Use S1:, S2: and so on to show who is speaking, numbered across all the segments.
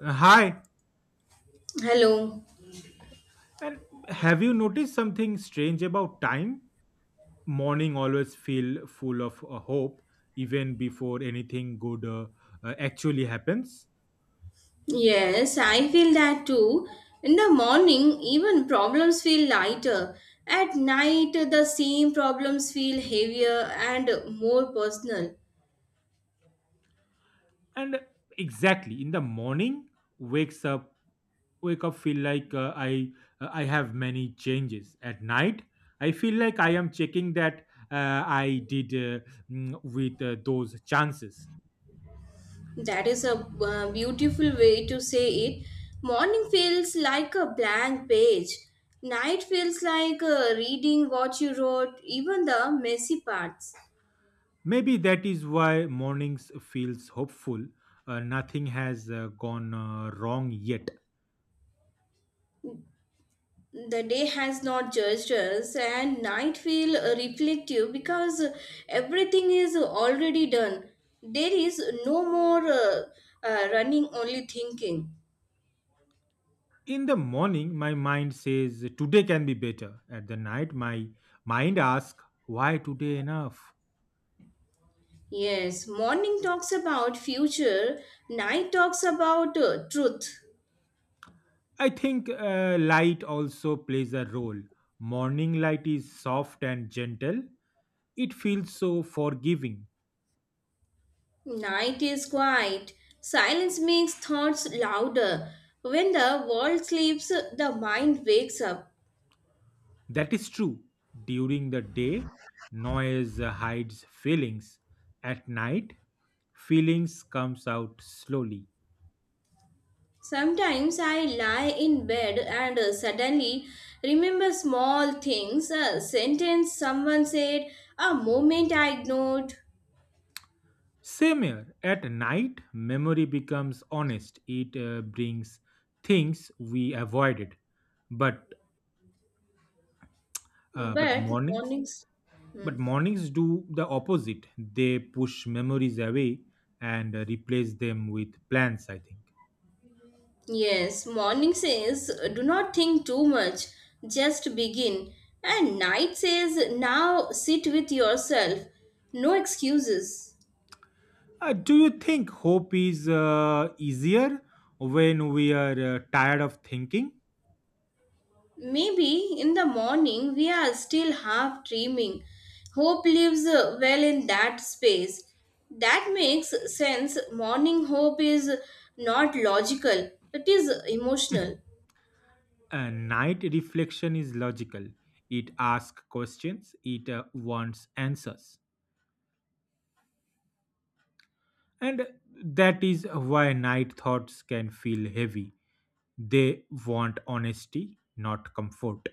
S1: Hi,
S2: Hello.
S1: and have you noticed something strange about time? Morning always feel full of hope, even before anything good actually happens.
S2: Yes, I feel that too. In the morning, even problems feel lighter. At night, the same problems feel heavier and more personal.
S1: And exactly in the morning, wakes up, wake up feel like I have many changes. At night, I feel like I am checking that I did with those chances.
S2: That is a beautiful way to say it. Morning feels like a blank page. Night feels like reading what you wrote, even the messy parts.
S1: Maybe that is why mornings feels hopeful. Nothing has gone wrong yet.
S2: The day has not judged us, and night feel reflective because everything is already done. There is no more running, only thinking.
S1: In the morning, my mind says today can be better. At the night, my mind asks why today enough.
S2: Yes, morning talks about future. Night talks about truth.
S1: I think light also plays a role. Morning light is soft and gentle. It feels so forgiving.
S2: Night is quiet. Silence makes thoughts louder. When the world sleeps, the mind wakes up.
S1: That is true. During the day, noise hides feelings. At night, feelings comes out slowly.
S2: Sometimes I lie in bed and suddenly remember small things, a sentence someone said, a moment I ignored.
S1: Same here. At night, memory becomes honest. It brings things we avoided. But uh, but
S2: But
S1: mornings,
S2: mornings. Hmm.
S1: but mornings do the opposite. They push memories away and replace them with plans. I think.
S2: Yes, morning says, do not think too much, just begin. And night says, now sit with yourself. No excuses.
S1: Do you think hope is easier when we are tired of thinking?
S2: Maybe in the morning we are still half dreaming. Hope lives well in that space. That makes sense. Morning hope is not logical, it is emotional.
S1: Night reflection is logical. It asks questions, it wants answers. And that is why night thoughts can feel heavy. They want honesty, not comfort.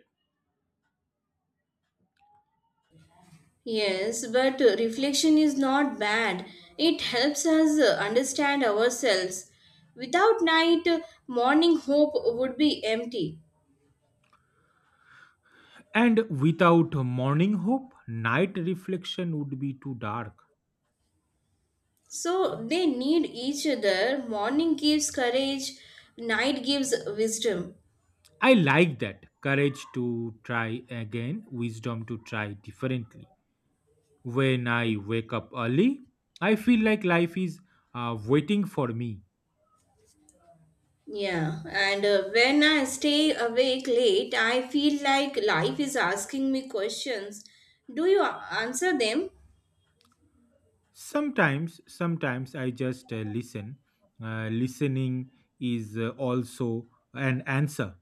S2: Yes, but reflection is not bad. It helps us understand ourselves. Without night, morning hope would be empty.
S1: And without morning hope, night reflection would be too dark.
S2: So they need each other. Morning gives courage, night gives wisdom.
S1: I like that. Courage to try again, wisdom to try differently. When I wake up early, I feel like life is waiting for me.
S2: Yeah, and when I stay awake late, I feel like life is asking me questions. Do you answer them?
S1: Sometimes I just listen. Listening is also an answer.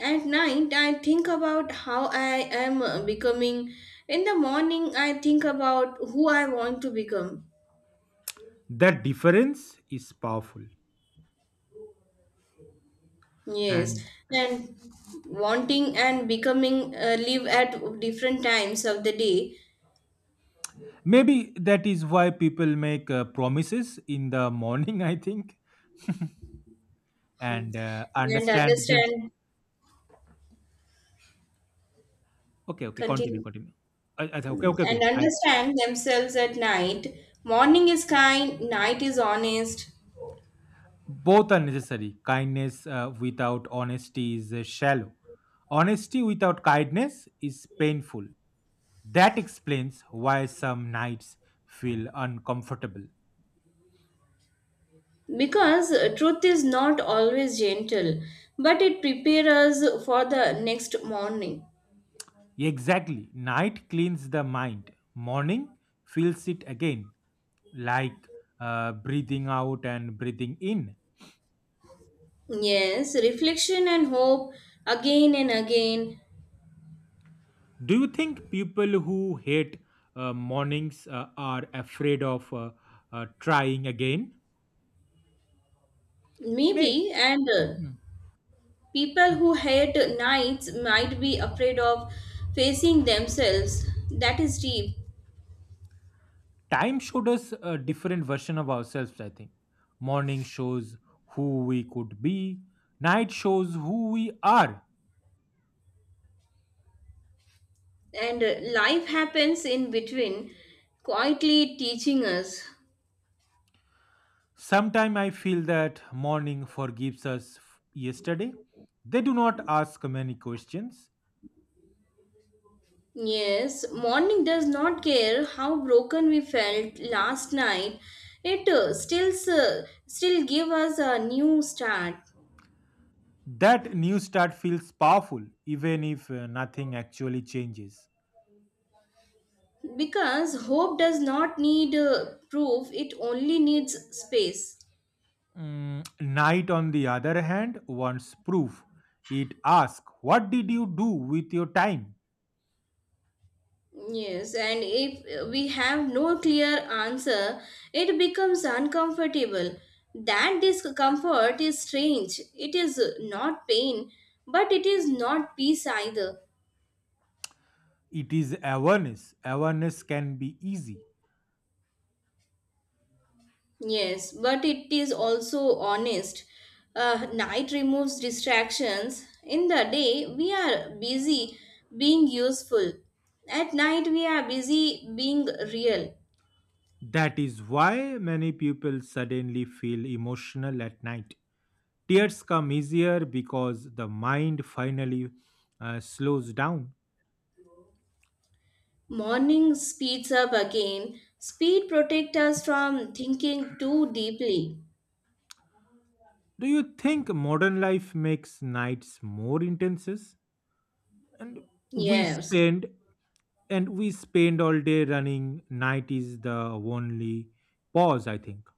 S2: At night, I think about how I am becoming. In the morning, I think about who I want to become.
S1: That difference is powerful.
S2: Yes,
S1: And
S2: and wanting and becoming live at different times of the day.
S1: maybe that is why people make promises in the morning, I think,
S2: Hmm.
S1: and
S2: And
S1: understand them.
S2: understand,
S1: Okay, okay, continue,
S2: continue.
S1: continue. Okay,
S2: Mm,
S1: okay,
S2: and
S1: okay. I.
S2: understand themselves at night. Morning is kind, night is honest.
S1: Both are necessary. Kindness without honesty is shallow. Honesty without kindness is painful. That explains why some nights feel uncomfortable.
S2: Because truth is not always gentle, but it prepares us for the next morning.
S1: Exactly. Night cleans the mind, morning fills it again, like breathing out and breathing in.
S2: Yes, reflection and hope again and again.
S1: Do you think people who hate mornings are afraid of trying again? May.
S2: Maybe, and people who hate nights might be afraid of facing themselves. That is deep.
S1: Time showed us a different version of ourselves, I think. Morning shows who we could be. Night shows who we are.
S2: And life happens in between, quietly teaching us.
S1: Sometimes I feel that morning forgives us yesterday. They do not ask many questions.
S2: Yes, morning does not care how broken we felt last night. It still give us a new start,
S1: That new start feels powerful even if nothing actually changes.
S2: because hope does not need proof. It only needs space.
S1: Night on the other hand wants proof. It asks what did you do with your time.
S2: Yes, and if we have no clear answer, it becomes uncomfortable. That discomfort is strange. It is not pain, but it is not peace either.
S1: It is awareness. Awareness can be easy.
S2: Yes, but it is also honest. Night removes distractions. In the day, we are busy being useful. At night, we are busy being real.
S1: That is why many people suddenly feel emotional at night. Tears come easier because the mind finally slows down.
S2: Morning speeds up again. Speed protects us from thinking too deeply.
S1: Do you think modern life makes nights more intense? And we
S2: Yes.
S1: spend and we spend all day running. Night is the only pause, I think.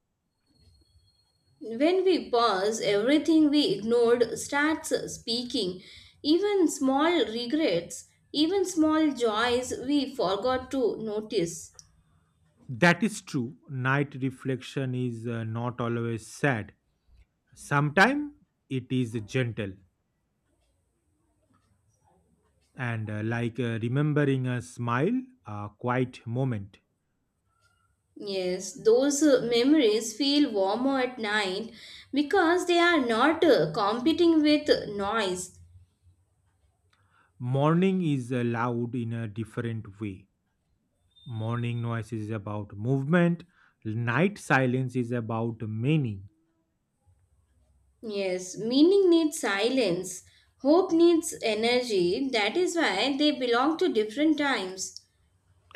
S2: When we pause, everything we ignored starts speaking. Even small regrets, even small joys we forgot to notice.
S1: That is true. Night reflection is not always sad. Sometimes it is gentle and like remembering a smile, a quiet moment.
S2: Yes, those memories feel warmer at night because they are not competing with noise.
S1: Morning is loud in a different way. Morning noise is about movement, night silence is about meaning.
S2: Yes, meaning needs silence, hope needs energy. That is why they belong to different times.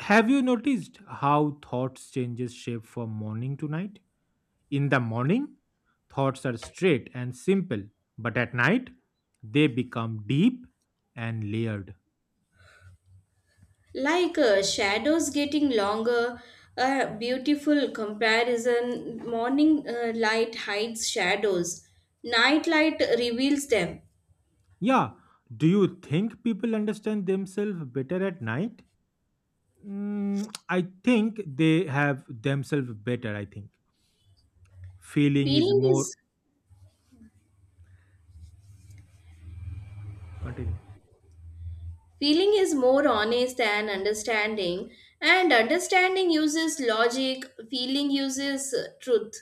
S1: Have you noticed how thoughts changes shape from morning to night? In the morning, thoughts are straight and simple, but at night, they become deep and layered.
S2: Like shadows getting longer, a beautiful comparison. Morning light hides shadows, night light reveals them.
S1: Yeah. Do you think people understand themselves better at night? I think they have themselves better. I think feeling is
S2: Feeling
S1: more.
S2: is
S1: Continue.
S2: Feeling is more honest than understanding, and understanding uses logic, feeling uses truth.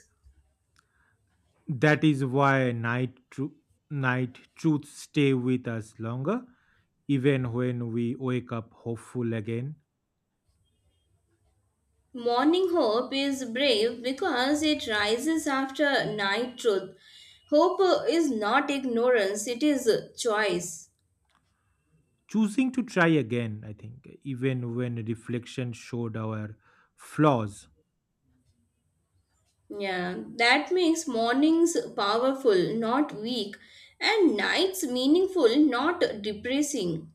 S1: That is why night truths stay with us longer, even when we wake up hopeful again.
S2: Morning hope is brave because it rises after night truth. Hope is not ignorance, it is choice.
S1: Choosing to try again, I think, even when reflection showed our flaws.
S2: Yeah, that makes mornings powerful, not weak, and nights meaningful, not depressing.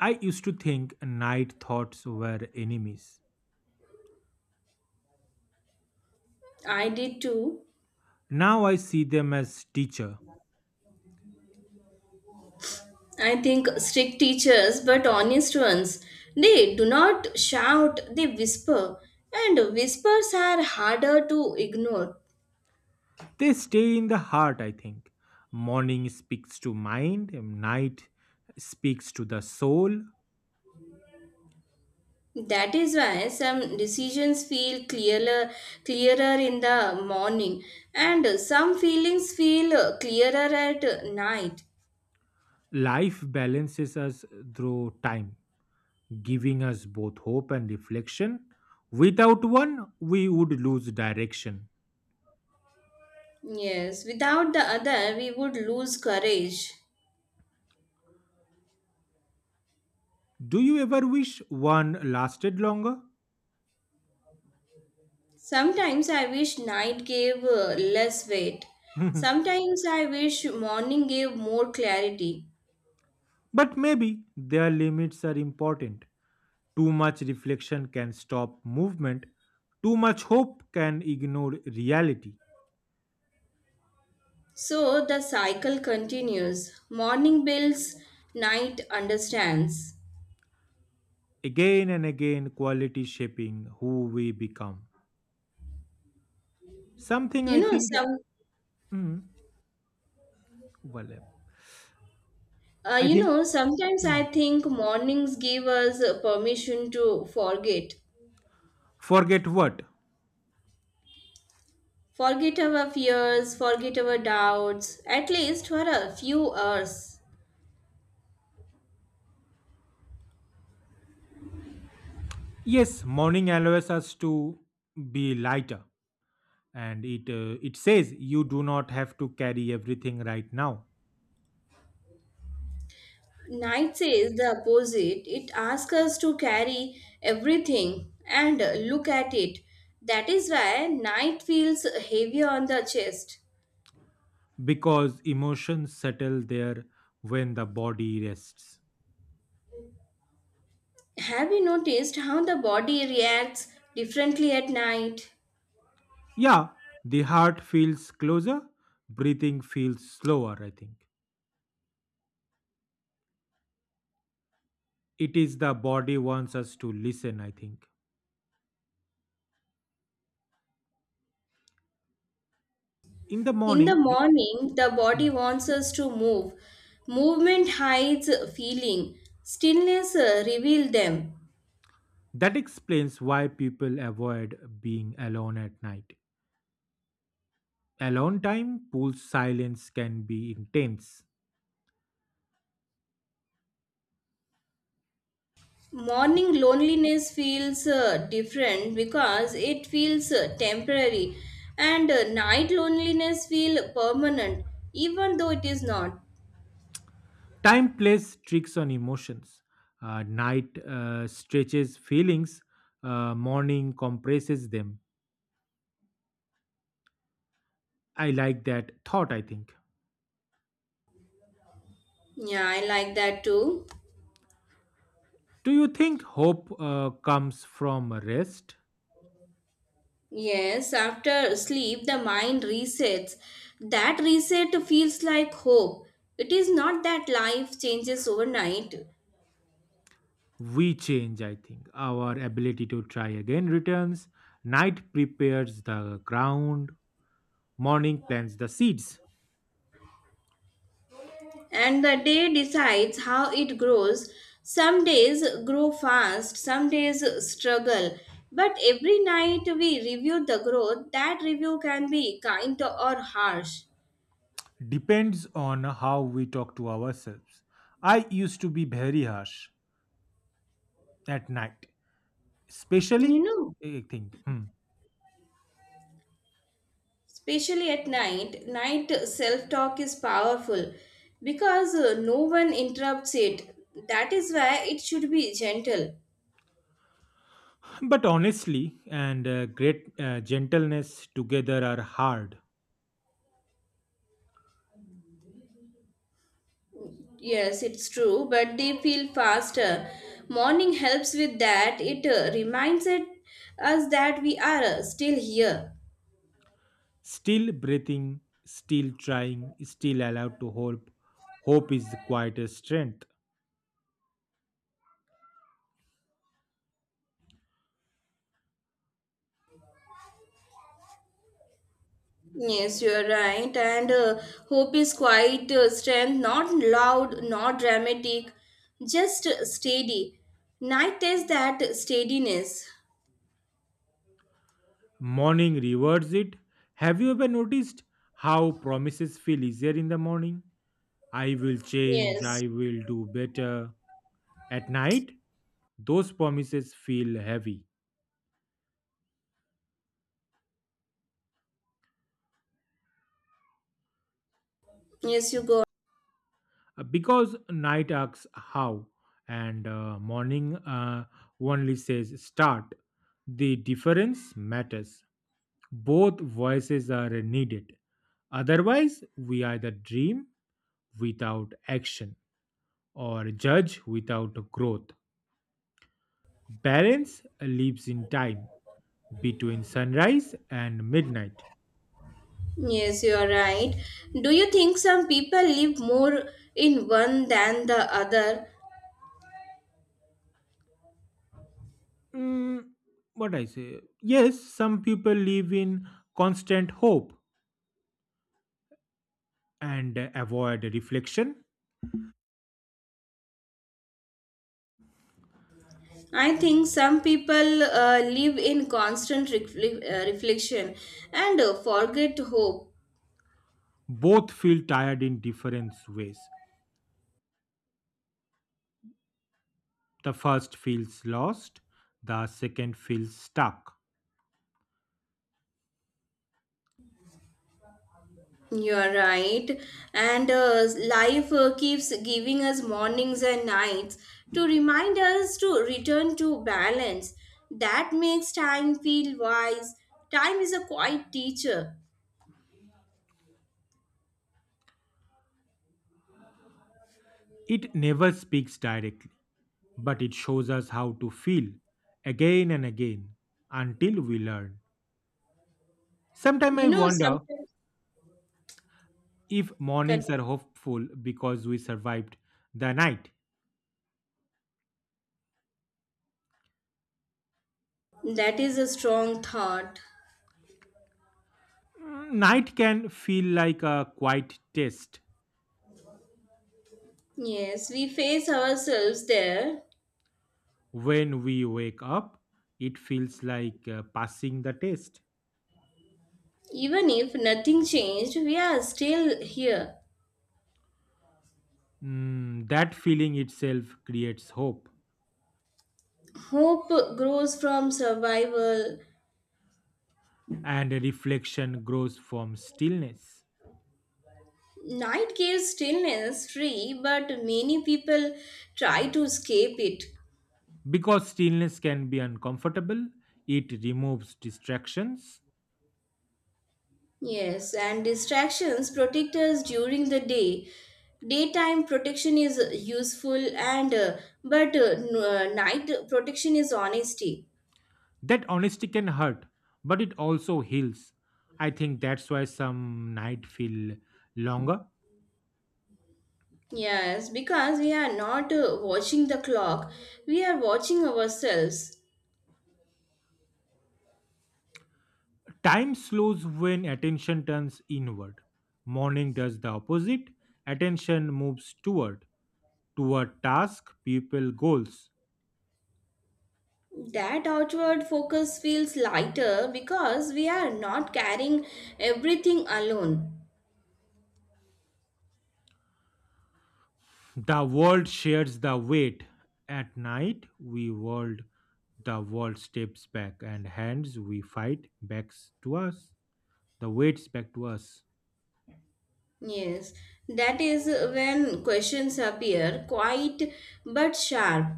S1: I used to think night thoughts were enemies.
S2: I did too.
S1: Now I see them as teacher.
S2: I think strict teachers, but honest ones, they do not shout, they whisper, and whispers are harder to ignore.
S1: They stay in the heart, I think. Morning speaks to mind, night speaks to the soul.
S2: That is why some decisions feel clearer, in the morning, and some feelings feel clearer at night.
S1: Life balances us through time, giving us both hope and reflection. Without one, we would lose direction.
S2: Yes, without the other, we would lose courage.
S1: Do you ever wish one lasted longer?
S2: Sometimes I wish night gave less weight. Sometimes I wish morning gave more clarity.
S1: But maybe their limits are important. Too much reflection can stop movement. Too much hope can ignore reality.
S2: So the cycle continues. Morning builds, night understands.
S1: Again and again, quality shaping who we become. Something
S2: You
S1: I
S2: know
S1: think,
S2: some
S1: mm, overlap.
S2: uh,
S1: I
S2: you
S1: think,
S2: know sometimes I
S1: mm,
S2: think mornings give us permission to forget.
S1: forget what?
S2: Forget our fears, forget our doubts, at least for a few hours.
S1: Yes, morning allows us to be lighter, and it says you do not have to carry everything right now
S2: Night says the opposite. It asks us to carry everything and look at it. That is why night feels heavier on the chest.
S1: because emotions settle there when the body rests.
S2: Have you noticed how the body reacts differently at night?
S1: Yeah, the heart feels closer, breathing feels slower, I think. It is the body wants us to listen, I think. In the
S2: In the
S1: morning,
S2: morning, the body
S1: mm,
S2: wants us to move. Movement hides feeling. Stillness reveal them.
S1: that explains why people avoid being alone at night. Alone time pulls silence can be intense.
S2: Morning loneliness feels different because it feels temporary, and night loneliness feels permanent even though it is not.
S1: Time plays tricks on emotions. Night stretches feelings, morning compresses them. I like that thought, I think.
S2: Yeah, I like that too.
S1: Do you think hope comes from rest?
S2: Yes, after sleep, the mind resets. That reset feels like hope. It is not that life changes overnight,
S1: We change, I think. Our ability to try again returns. Night prepares the ground. Morning plants the seeds.
S2: and the day decides how it grows. Some days grow fast, some days struggle. But every night we review the growth. That review can be kind or harsh.
S1: Depends on how we talk to ourselves. I used to be very harsh at night,
S2: You
S1: especially,
S2: know,
S1: I think. Hmm.
S2: especially at night, self talk is powerful because no one interrupts it. That is why it should be gentle.
S1: But honestly, and great gentleness together are hard.
S2: Yes, it's true, but they feel faster. Morning helps with that. It reminds us that we are still here.
S1: Still breathing, still trying, still allowed to hope. Hope is the quietest strength.
S2: Yes, you are right, and hope is quite strength, not loud, not dramatic, just steady. Night is that steadiness.
S1: Morning rewards it. Have you ever noticed how promises feel easier in the morning? I will change,
S2: Yes.
S1: I will do better. At night, those promises feel heavy
S2: Yes, you go.
S1: because night asks how, and morning only says start. The difference matters. Both voices are needed. Otherwise, we either dream without action or judge without growth. Balance lives in time between sunrise and midnight.
S2: Yes, you are right. Do you think some people live more in one than the other?
S1: Mm, what I say? Yes, some people live in constant hope and avoid reflection.
S2: I think some people live in constant reflection and forget hope.
S1: Both feel tired in different ways. The first feels lost, the second feels stuck.
S2: You are right. And life keeps giving us mornings and nights to remind us to return to balance. That makes time feel wise. Time is a quiet teacher.
S1: It never speaks directly but it shows us how to feel again and again until we learn. Sometimes
S2: You
S1: I
S2: know,
S1: wonder
S2: sometimes.
S1: if mornings are
S2: Continue.
S1: hopeful because we survived the night.
S2: That is a strong thought.
S1: Night can feel like a quiet test.
S2: Yes, we face ourselves there.
S1: When we wake up, it feels like passing the test.
S2: Even if nothing changed, we are still here.
S1: That feeling itself creates hope,
S2: Hope grows from survival.
S1: and reflection grows from stillness.
S2: Night gives stillness free, but many people try to escape it.
S1: Because stillness can be uncomfortable, it removes distractions.
S2: Yes, and distractions protect us during the day. Daytime protection is useful, and but n- night protection is honesty.
S1: That honesty can hurt, but it also heals. I think that's why some nights feel longer.
S2: Yes, because we are not watching the clock, we are watching ourselves.
S1: Time slows when attention turns inward. Morning does the opposite. Attention moves toward task, people, goals.
S2: That outward focus feels lighter because we are not carrying everything alone.
S1: The world shares the weight. At night, the world steps back, and hands we fight backs to us. The weights back to us.
S2: Yes, that is when questions appear, quite but sharp.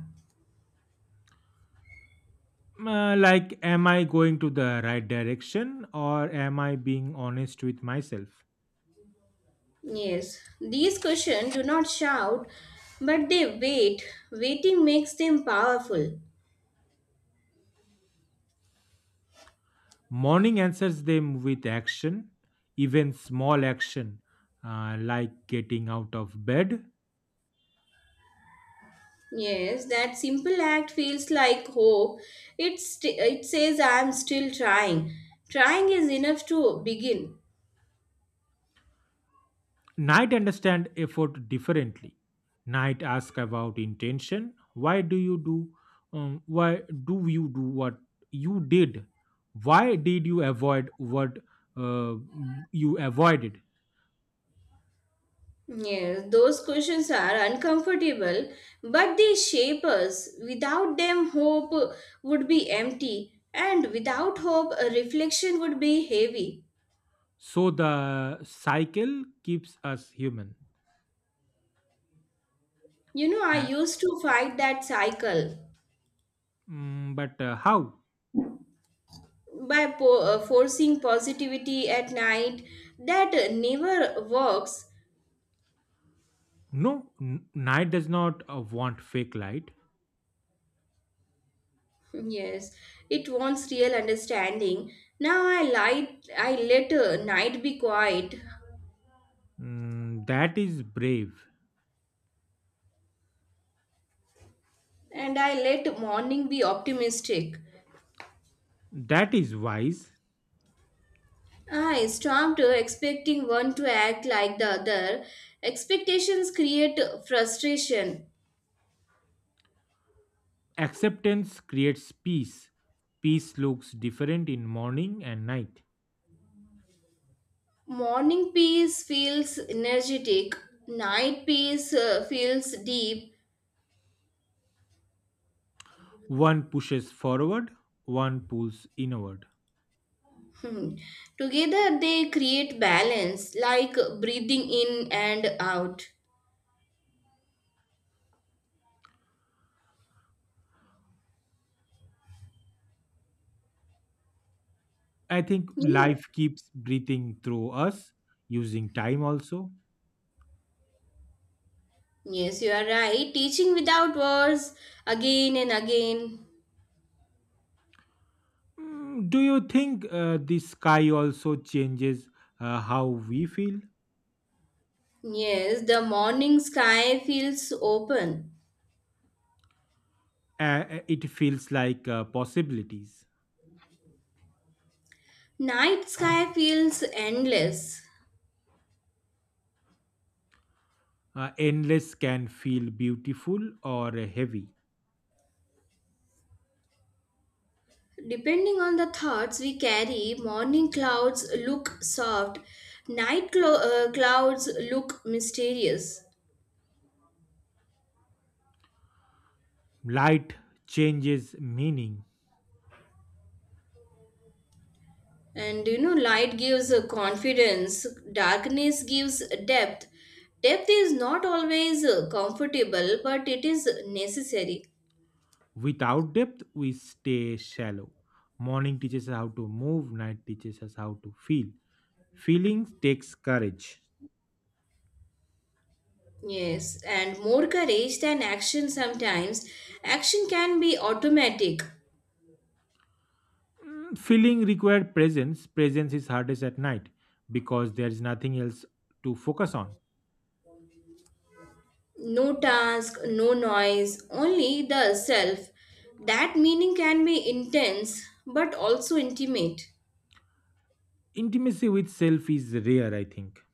S1: Like, am I going to the right direction or am I being honest with myself?
S2: Yes, these questions do not shout, but they wait. Waiting makes them powerful.
S1: Morning answers them with action, even small action, like getting out of bed.
S2: Yes, that simple act feels like hope. It says I'm still trying. Trying is enough to begin.
S1: Night understand effort differently. Night ask about intention. Why do you do? Why do you do what you did? Why did you avoid what uh, you avoided?
S2: Yes, those questions are uncomfortable, but they shape us. Without them, hope would be empty, and without hope, a reflection would be heavy.
S1: So the cycle keeps us human.
S2: You know, I
S1: Uh,
S2: used to fight that cycle
S1: but how?
S2: by forcing positivity at night. That never works.
S1: No, night does not want fake light.
S2: Yes, it wants real understanding. Now I let night be quiet,
S1: That is brave.
S2: and I let morning be optimistic.
S1: That is wise.
S2: I stopped expecting one to act like the other. Expectations create frustration.
S1: Acceptance creates peace. Peace looks different in morning and night.
S2: Morning peace feels energetic. Night peace feels deep.
S1: One pushes forward, one pulls inward.
S2: Hmm. Together they create balance, like breathing in and out.
S1: I think
S2: You know.
S1: life keeps breathing through us using time also.
S2: Yes, you are right. Teaching without words again and again.
S1: Do you think the sky also changes how we feel?
S2: Yes, the morning sky feels open.
S1: It feels like possibilities.
S2: Night sky feels endless.
S1: Endless can feel beautiful or heavy.
S2: Depending on the thoughts we carry, morning clouds look soft, night clouds look mysterious.
S1: Light changes meaning.
S2: And you know, light gives confidence, darkness gives depth. Depth is not always comfortable, but it is necessary.
S1: Without depth, we stay shallow. Morning teaches us how to move, night teaches us how to feel. Feeling takes courage.
S2: Yes, and more courage than action sometimes. Action can be automatic.
S1: Feeling requires presence. Presence is hardest at night because there is nothing else to focus on.
S2: No task, no noise, only the self. That meaning can be intense but also intimate.
S1: Intimacy with self is rare, I think.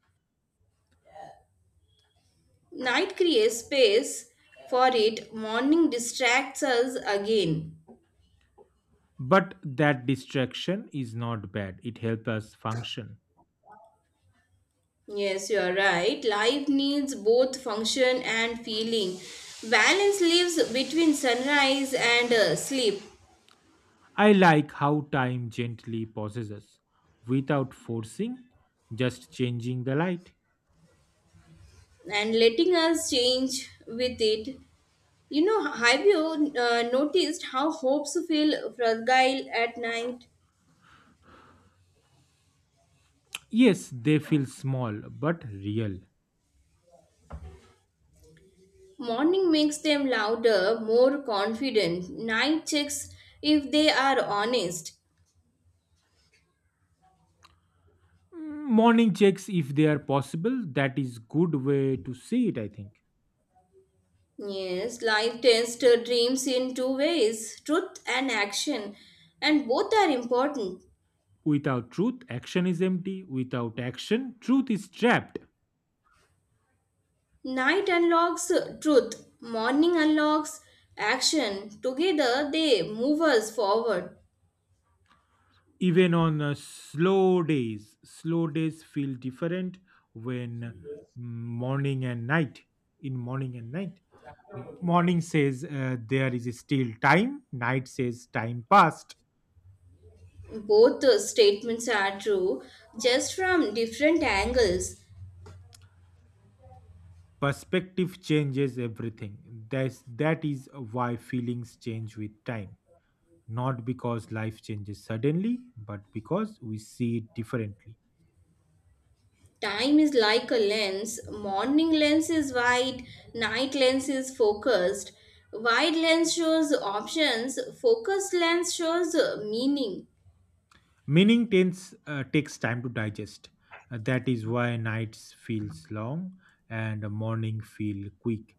S2: Night creates space for it, morning distracts us again.
S1: But that distraction is not bad. It helps us function.
S2: Yes, you are right. Life needs both function and feeling. Balance lives between sunrise and sleep.
S1: I like how time gently pauses us without forcing, just changing the light.
S2: And letting us change with it. You know, have you noticed how hopes feel fragile at night?
S1: Yes, they feel small but real.
S2: Morning makes them louder, more confident. Night checks if they are honest.
S1: Morning checks, if they are possible, that is good way to see it, I think.
S2: Yes, life tests dreams in two ways, truth and action, and both are important.
S1: Without truth, action is empty. Without action, truth is trapped.
S2: Night unlocks truth, morning unlocks action. Together, they move us forward.
S1: Even on slow days, feel different when morning and night in morning and night, morning says there is still time. Night says time passed.
S2: Both statements are true, just from different angles.
S1: Perspective changes everything. That is why feelings change with time, not because life changes suddenly but because we see it differently.
S2: Time is like a lens. Morning lens is wide, night lens is focused. Wide lens shows options, focused lens shows meaning.
S1: Meaning takes time to digest. That is why nights feels long and morning feel quick.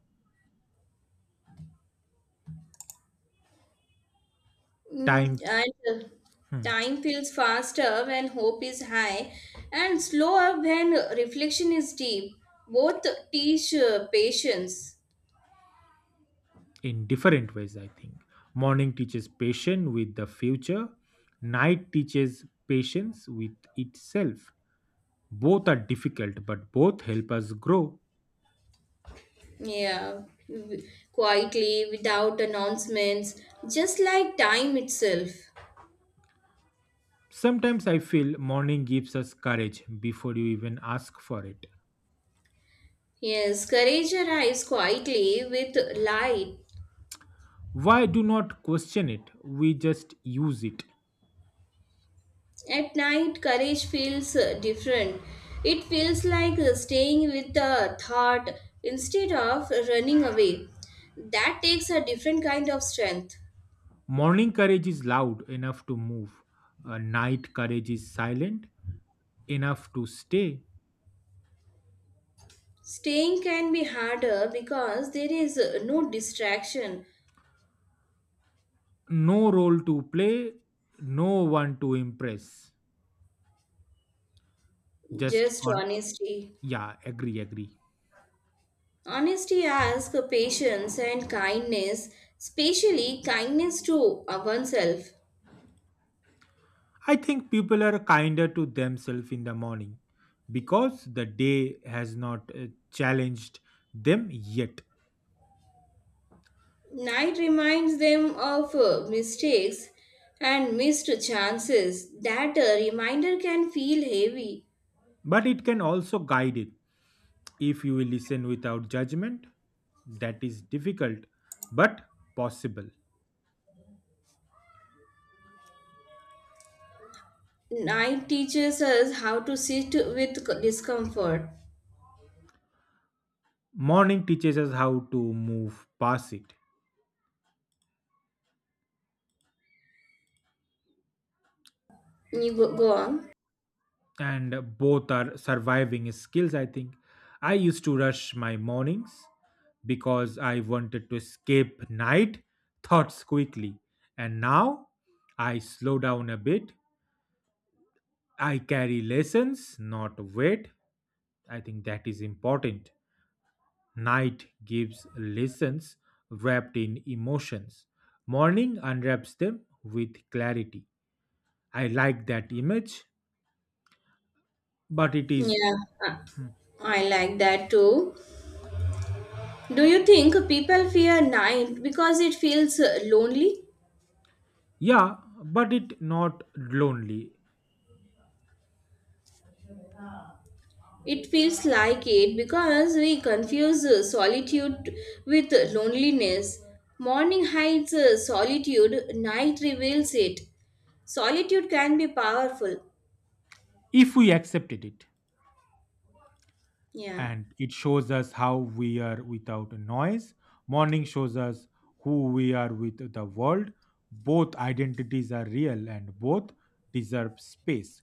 S2: Mm,
S1: Time
S2: and uh,
S1: hmm,
S2: time feels faster when hope is high and slower when reflection is deep. Both teach patience.
S1: in different ways, I think. Morning teaches patience with the future. Night teaches patience with itself. Both are difficult, but both help us grow.
S2: Yeah, w- quietly, without announcements, just like time itself.
S1: Sometimes I feel morning gives us courage before you even ask for it.
S2: Yes, courage arrives quietly with light.
S1: Why do not question it? We just use it.
S2: At night, courage feels different. It feels like staying with the thought instead of running away. That takes a different kind of strength.
S1: Morning courage is loud enough to move. Night courage is silent enough to stay.
S2: Staying can be harder because there is no distraction,
S1: No role to play, no one to impress. Just
S2: just
S1: on,
S2: honesty.
S1: yeah, agree, agree.
S2: Honesty asks patience and kindness, especially kindness to oneself.
S1: I think people are kinder to themselves in the morning because the day has not challenged them yet.
S2: Night reminds them of mistakes and missed chances. That reminder can feel heavy.
S1: But it can also guide it if you will listen without judgment. That is difficult but possible.
S2: Night teaches us how to sit with discomfort.
S1: Morning teaches us how to move past it,
S2: You go, go on.
S1: and both are surviving skills, I think. I used to rush my mornings because I wanted to escape night thoughts quickly, and now I slow down a bit. I carry lessons, not weight. I think that is important. Night gives lessons wrapped in emotions, morning unwraps them with clarity. I like that image but it is.
S2: Yeah, I I like that too. Do you think people fear night because it feels lonely?
S1: Yeah, but it not lonely
S2: It feels like it because we confuse solitude with loneliness. Morning hides solitude, night reveals it. Solitude can be powerful.
S1: if we accepted it,
S2: Yeah.
S1: and it shows us how we are without noise. Morning shows us who we are with the world. Both identities are real and both deserve space.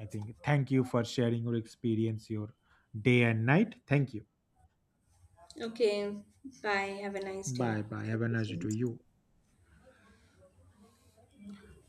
S1: I think, thank you for sharing your experience, your day and night. Thank you.
S2: Okay. Bye. Have a nice day.
S1: Bye bye. Have
S2: Thank
S1: a
S2: you
S1: nice
S2: so
S1: day to
S2: much.
S1: you.